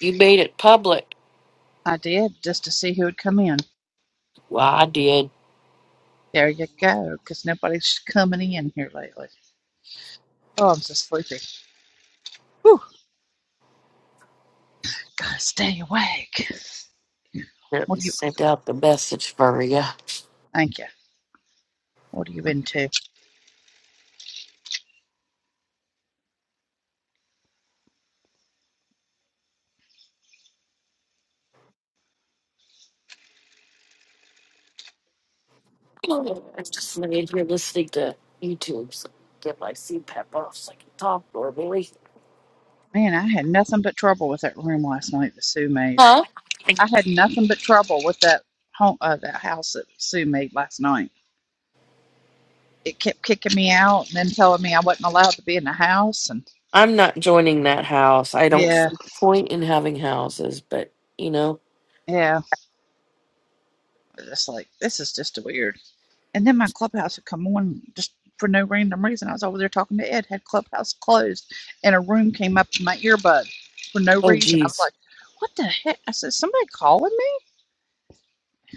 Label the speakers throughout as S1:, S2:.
S1: You made it public.
S2: I did just to see who would come in.
S1: Well, I did.
S2: There you go, because nobody's coming in here lately. Oh, I'm so sleepy. Whew, gotta stay awake.
S1: Let
S2: What
S1: me
S2: do you?
S1: send out the message for you.
S2: Thank you. What are you into?
S1: I'm just laying here listening to YouTube. So I can get my CPAP off so I can talk normally.
S2: Man, I had nothing but trouble with that room last night that Sue made.
S1: Huh?
S2: I had nothing but trouble with that home, uh, that house that Sue made last night. It kept kicking me out and then telling me I wasn't allowed to be in the house. And
S1: I'm not joining that house. I don't
S2: yeah,
S1: see point in having houses, but you know.
S2: yeah, It's like this is just weird. And then my clubhouse would come on just for no random reason. I was over there talking to Ed, had clubhouse closed, and a room came up to my earbud for no
S1: Oh,
S2: reason. I was
S1: geez.
S2: like, what the heck? I said, somebody calling me?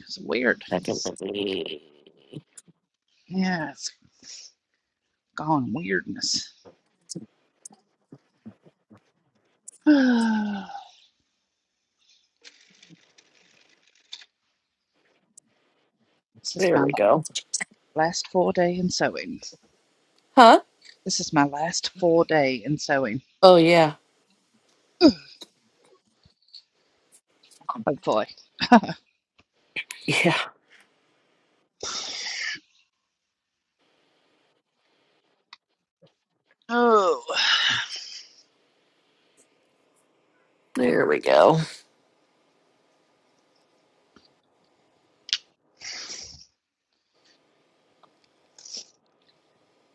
S2: It's weird.
S1: Second, let me.
S2: Yeah, it's gone weirdness. this is
S1: There
S2: my
S1: we go.
S2: last full day in sewing.
S1: Huh?
S2: This is my last full day in sewing,
S1: Oh, yeah.
S2: hopefully.
S1: Yeah.
S2: Oh,
S1: There we go.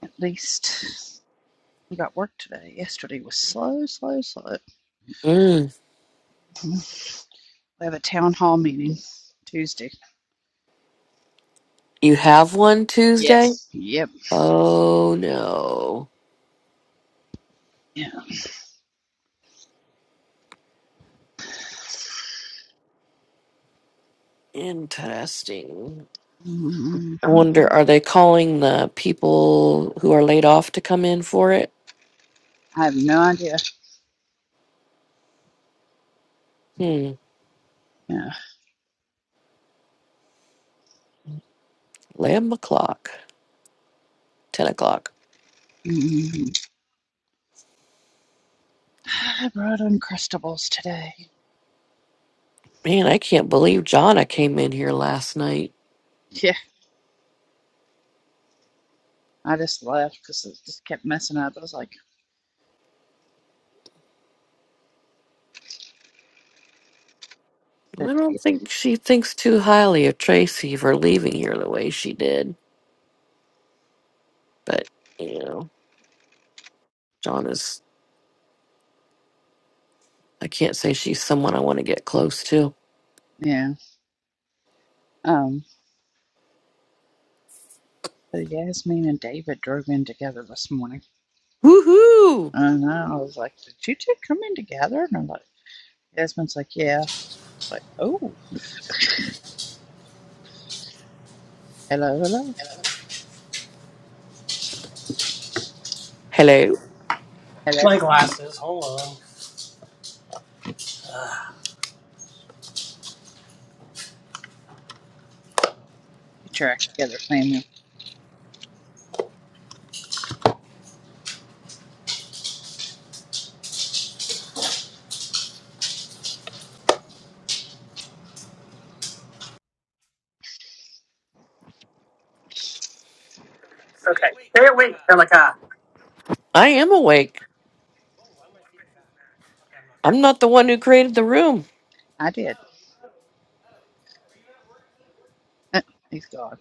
S2: at least we got work today. Yesterday was slow, slow, slow.
S1: Mm.
S2: We have a town hall meeting Tuesday.
S1: You have one Tuesday?
S2: Yes. Yep.
S1: Oh, no.
S2: Yeah.
S1: Interesting.
S2: Mhm.
S1: I wonder, are they calling the people who are laid off to come in for it?
S2: I have no idea.
S1: Hmm.
S2: Yeah.
S1: 11 o'clock, 10 o'clock.
S2: Mhm. I brought Uncrustables today.
S1: Man, I can't believe Jonna came in here last night.
S2: Yeah. I just left because it just kept messing up. I was like,
S1: I
S2: "That
S1: don't
S2: day."
S1: think she thinks too highly of Tracy for leaving here the way she did. But, you know, Jonna's, I can't say she's someone I want to get close to.
S2: yeah. Um. But Yasmin and David drove in together this morning,
S1: Woohoo!
S2: and I was like, "Did you two come in together?" And I'm like, Yasmin's like, "Yeah." like, "Oh, hello, hello,
S1: Hello.
S2: hello."
S3: My glasses. Hold on.
S2: Get your act together, family.
S3: Okay, stay
S1: Okay.
S3: awake,
S1: Stay
S3: Shelika.
S1: awake, Pelica. I am
S3: Ew.
S1: awake.
S3: Whoa, why am I feeding back? Okay, I'm not
S1: I'm
S3: now.
S1: not the one who created the room.
S2: I did. He's gone.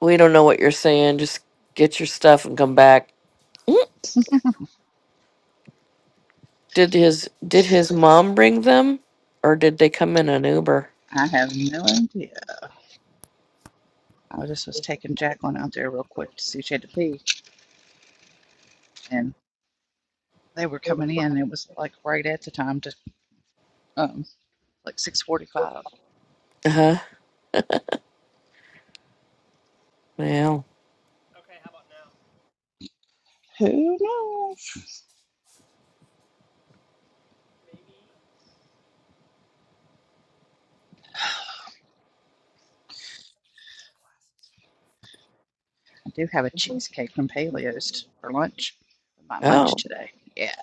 S1: We don't know what you're saying. Just get your stuff and come back. Mm. Did his did his mom bring them, or did they come in an Uber?
S2: I have no idea. I just was taking Jacqueline out there real quick to see if she had to pee, and they were coming in. It was like right at the time to um like six forty-five.
S1: Uh huh. Wow.
S3: Okay, how about now?
S2: Who knows?
S3: Maybe. Damn glasses.
S2: I do have a cheesecake from Paleo's for lunch. For My lunch
S1: Oh.
S2: today. Yeah.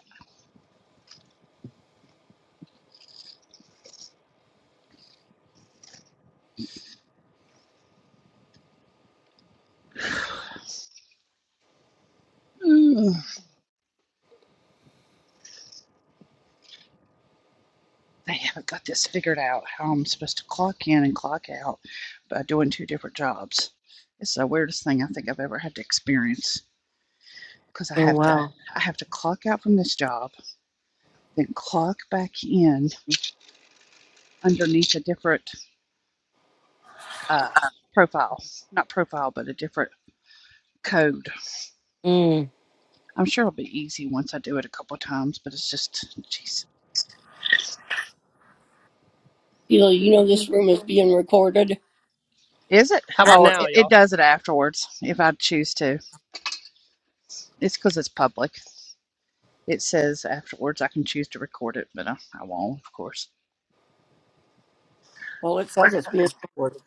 S2: Mm, I haven't got this figured out how I'm supposed to clock in and clock out by doing two different jobs. It's the weirdest thing I think I've ever had to experience because I
S1: Oh
S2: have to
S1: wow.
S2: I have to clock out from this job, then clock back in underneath a different uh, profile, not profile, but a different code.
S1: Mm.
S2: I'm sure it'll be easy once I do it a couple times, but it's just, jeez.
S4: You know, you know this room is being recorded.
S2: Is it?
S3: How about
S2: Oh,
S3: now,
S2: it, it
S3: y'all?
S2: does it afterwards if I choose to. It's because it's public. It says afterwards I can choose to record it, but I, I won't, of course.
S4: Well, it says
S1: What?
S4: it's being recorded.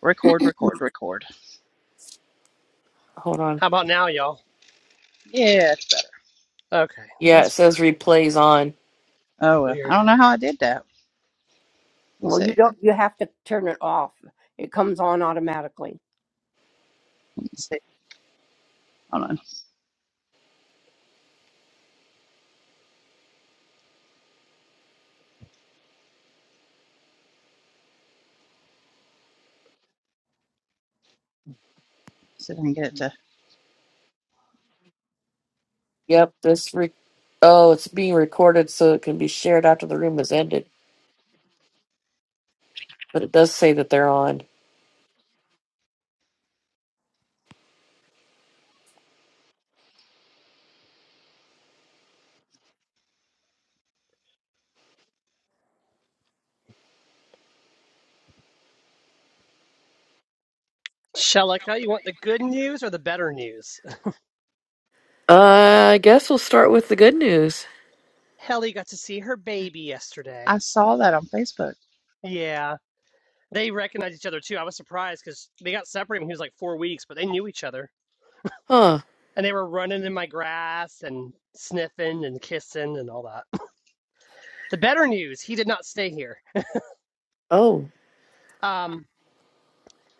S2: Record, record, record.
S1: Hold on.
S3: How about now, y'all?
S2: Yeah, it's better.
S3: Okay,
S1: Yeah, it
S3: that's
S1: says replays on.
S2: Oh, well,
S3: weird.
S2: I don't know how I did that. Let us
S4: Well,
S2: see.
S4: you
S2: Let
S4: don't. You have to turn it off. It comes on automatically.
S2: me see. Hold on. Let's See if I can get it to.
S1: Yep. This re- oh, it's being recorded so it can be shared after the room is ended. But it does say that they're on.
S3: Shelika, you want the good news or the better news?
S1: Uh, I guess we'll start with the good news.
S3: Helly got to see her baby yesterday.
S2: I saw that on Facebook.
S3: Yeah, they recognized each other too. I was surprised because they got separated when he was like four weeks, but they knew each other.
S1: Huh.
S3: And they were running in my grass and sniffing and kissing and all that. The better news, he did not stay here.
S1: Oh.
S3: Um,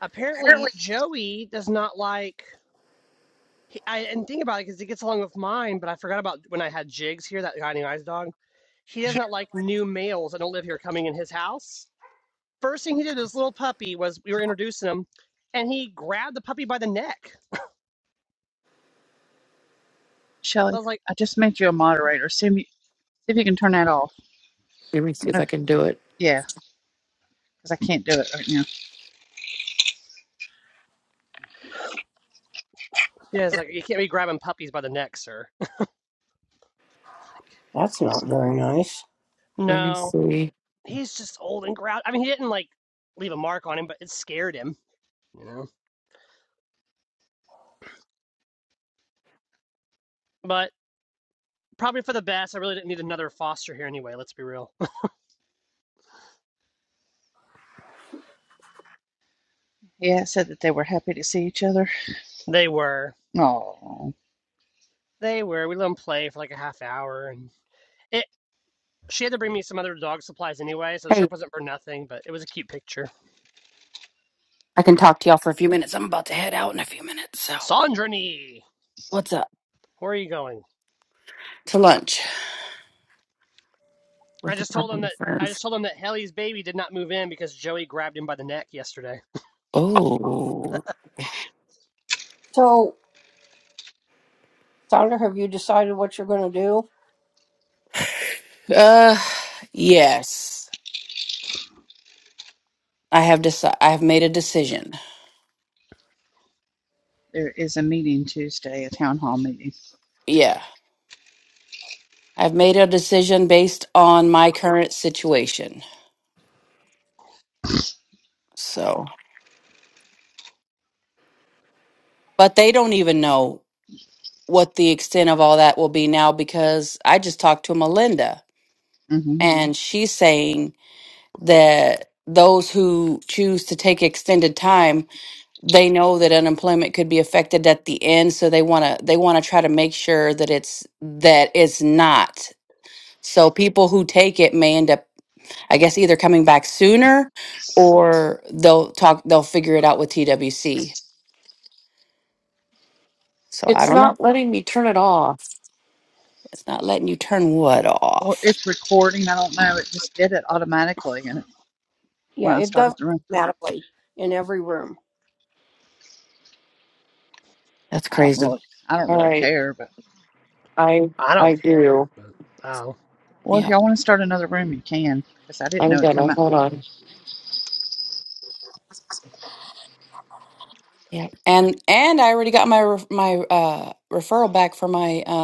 S3: apparently,
S1: Apparently.
S3: Joey does not like. He, I didn't think about it because it gets along with mine, but I forgot about when I had Jigs here, that guy named Eyes Dog. He does not like new males that don't live here coming in his house. First thing he did, this little puppy was we were introducing him, and he grabbed the puppy by the neck. I
S2: Shelly,
S3: was like,
S2: I just made you a moderator. See if you, see if you can turn that off.
S1: Let me see if
S2: Uh,
S1: I can do it.
S2: yeah, because I can't do it right now.
S3: "Yeah, it's like you can't be grabbing puppies by the neck, sir." Like,
S4: That's not very nice.
S1: Let me
S3: no,
S1: see.
S3: he's just old and grouchy. I mean, he didn't like leave a mark on him, but it scared him, you know. But. probably for the best. I really didn't need another foster here anyway. Let's be real.
S2: Yeah, it said that they were happy to see each other.
S3: they were,
S2: Oh,
S3: they were. We let them play for like a half hour, and it. She had to bring me some other dog supplies anyway, so the
S5: Hey,
S3: trip wasn't for nothing. But it was a cute picture.
S5: I can talk to y'all for a few minutes. I'm about to head out in a few minutes. So,
S3: Sandrani,
S5: what's up?
S3: where are you going?
S5: To lunch
S3: I
S5: with a
S3: just told him
S5: couple of
S3: that. I
S5: friends.
S3: just told him that Helly's baby did not move in because Joey grabbed him by the neck yesterday.
S5: Oh,
S4: So, Sandra, have you decided what you're going to do?
S5: uh, yes. I have decided. I have made a decision.
S2: there is a meeting Tuesday, a town hall meeting.
S5: Yeah, I've made a decision based on my current situation. So, but they don't even know what the extent of all that will be now because I just talked to Melinda
S2: mm hmm
S5: and she's saying that those who choose to take extended time they know that unemployment could be affected at the end so they want to they want to try to make sure that it's that it's not so people who take it may end up i guess either coming back sooner or they'll talk they'll figure it out with twc so i
S1: It's
S5: don't know
S1: not letting me turn it off.
S5: it's not letting you turn what
S2: Or
S5: off
S2: it's recording. I don't know. It just did it automatically, and it,
S4: Yeah,
S2: when I
S4: it does
S2: started the room,
S4: automatically in every room.
S5: that's
S2: I don't
S5: crazy
S2: really, I don't
S1: All
S2: really
S1: right,
S2: care. But
S1: I
S3: I don't
S1: I
S3: care.
S1: do.
S3: Oh.
S2: well, if
S5: yeah
S2: y'all want to start another room, you can, because I didn't
S1: I'm
S2: know it come
S1: gonna
S2: out.
S1: hold on.
S5: yeah and and i already got my ref- my uh referral back for my uh,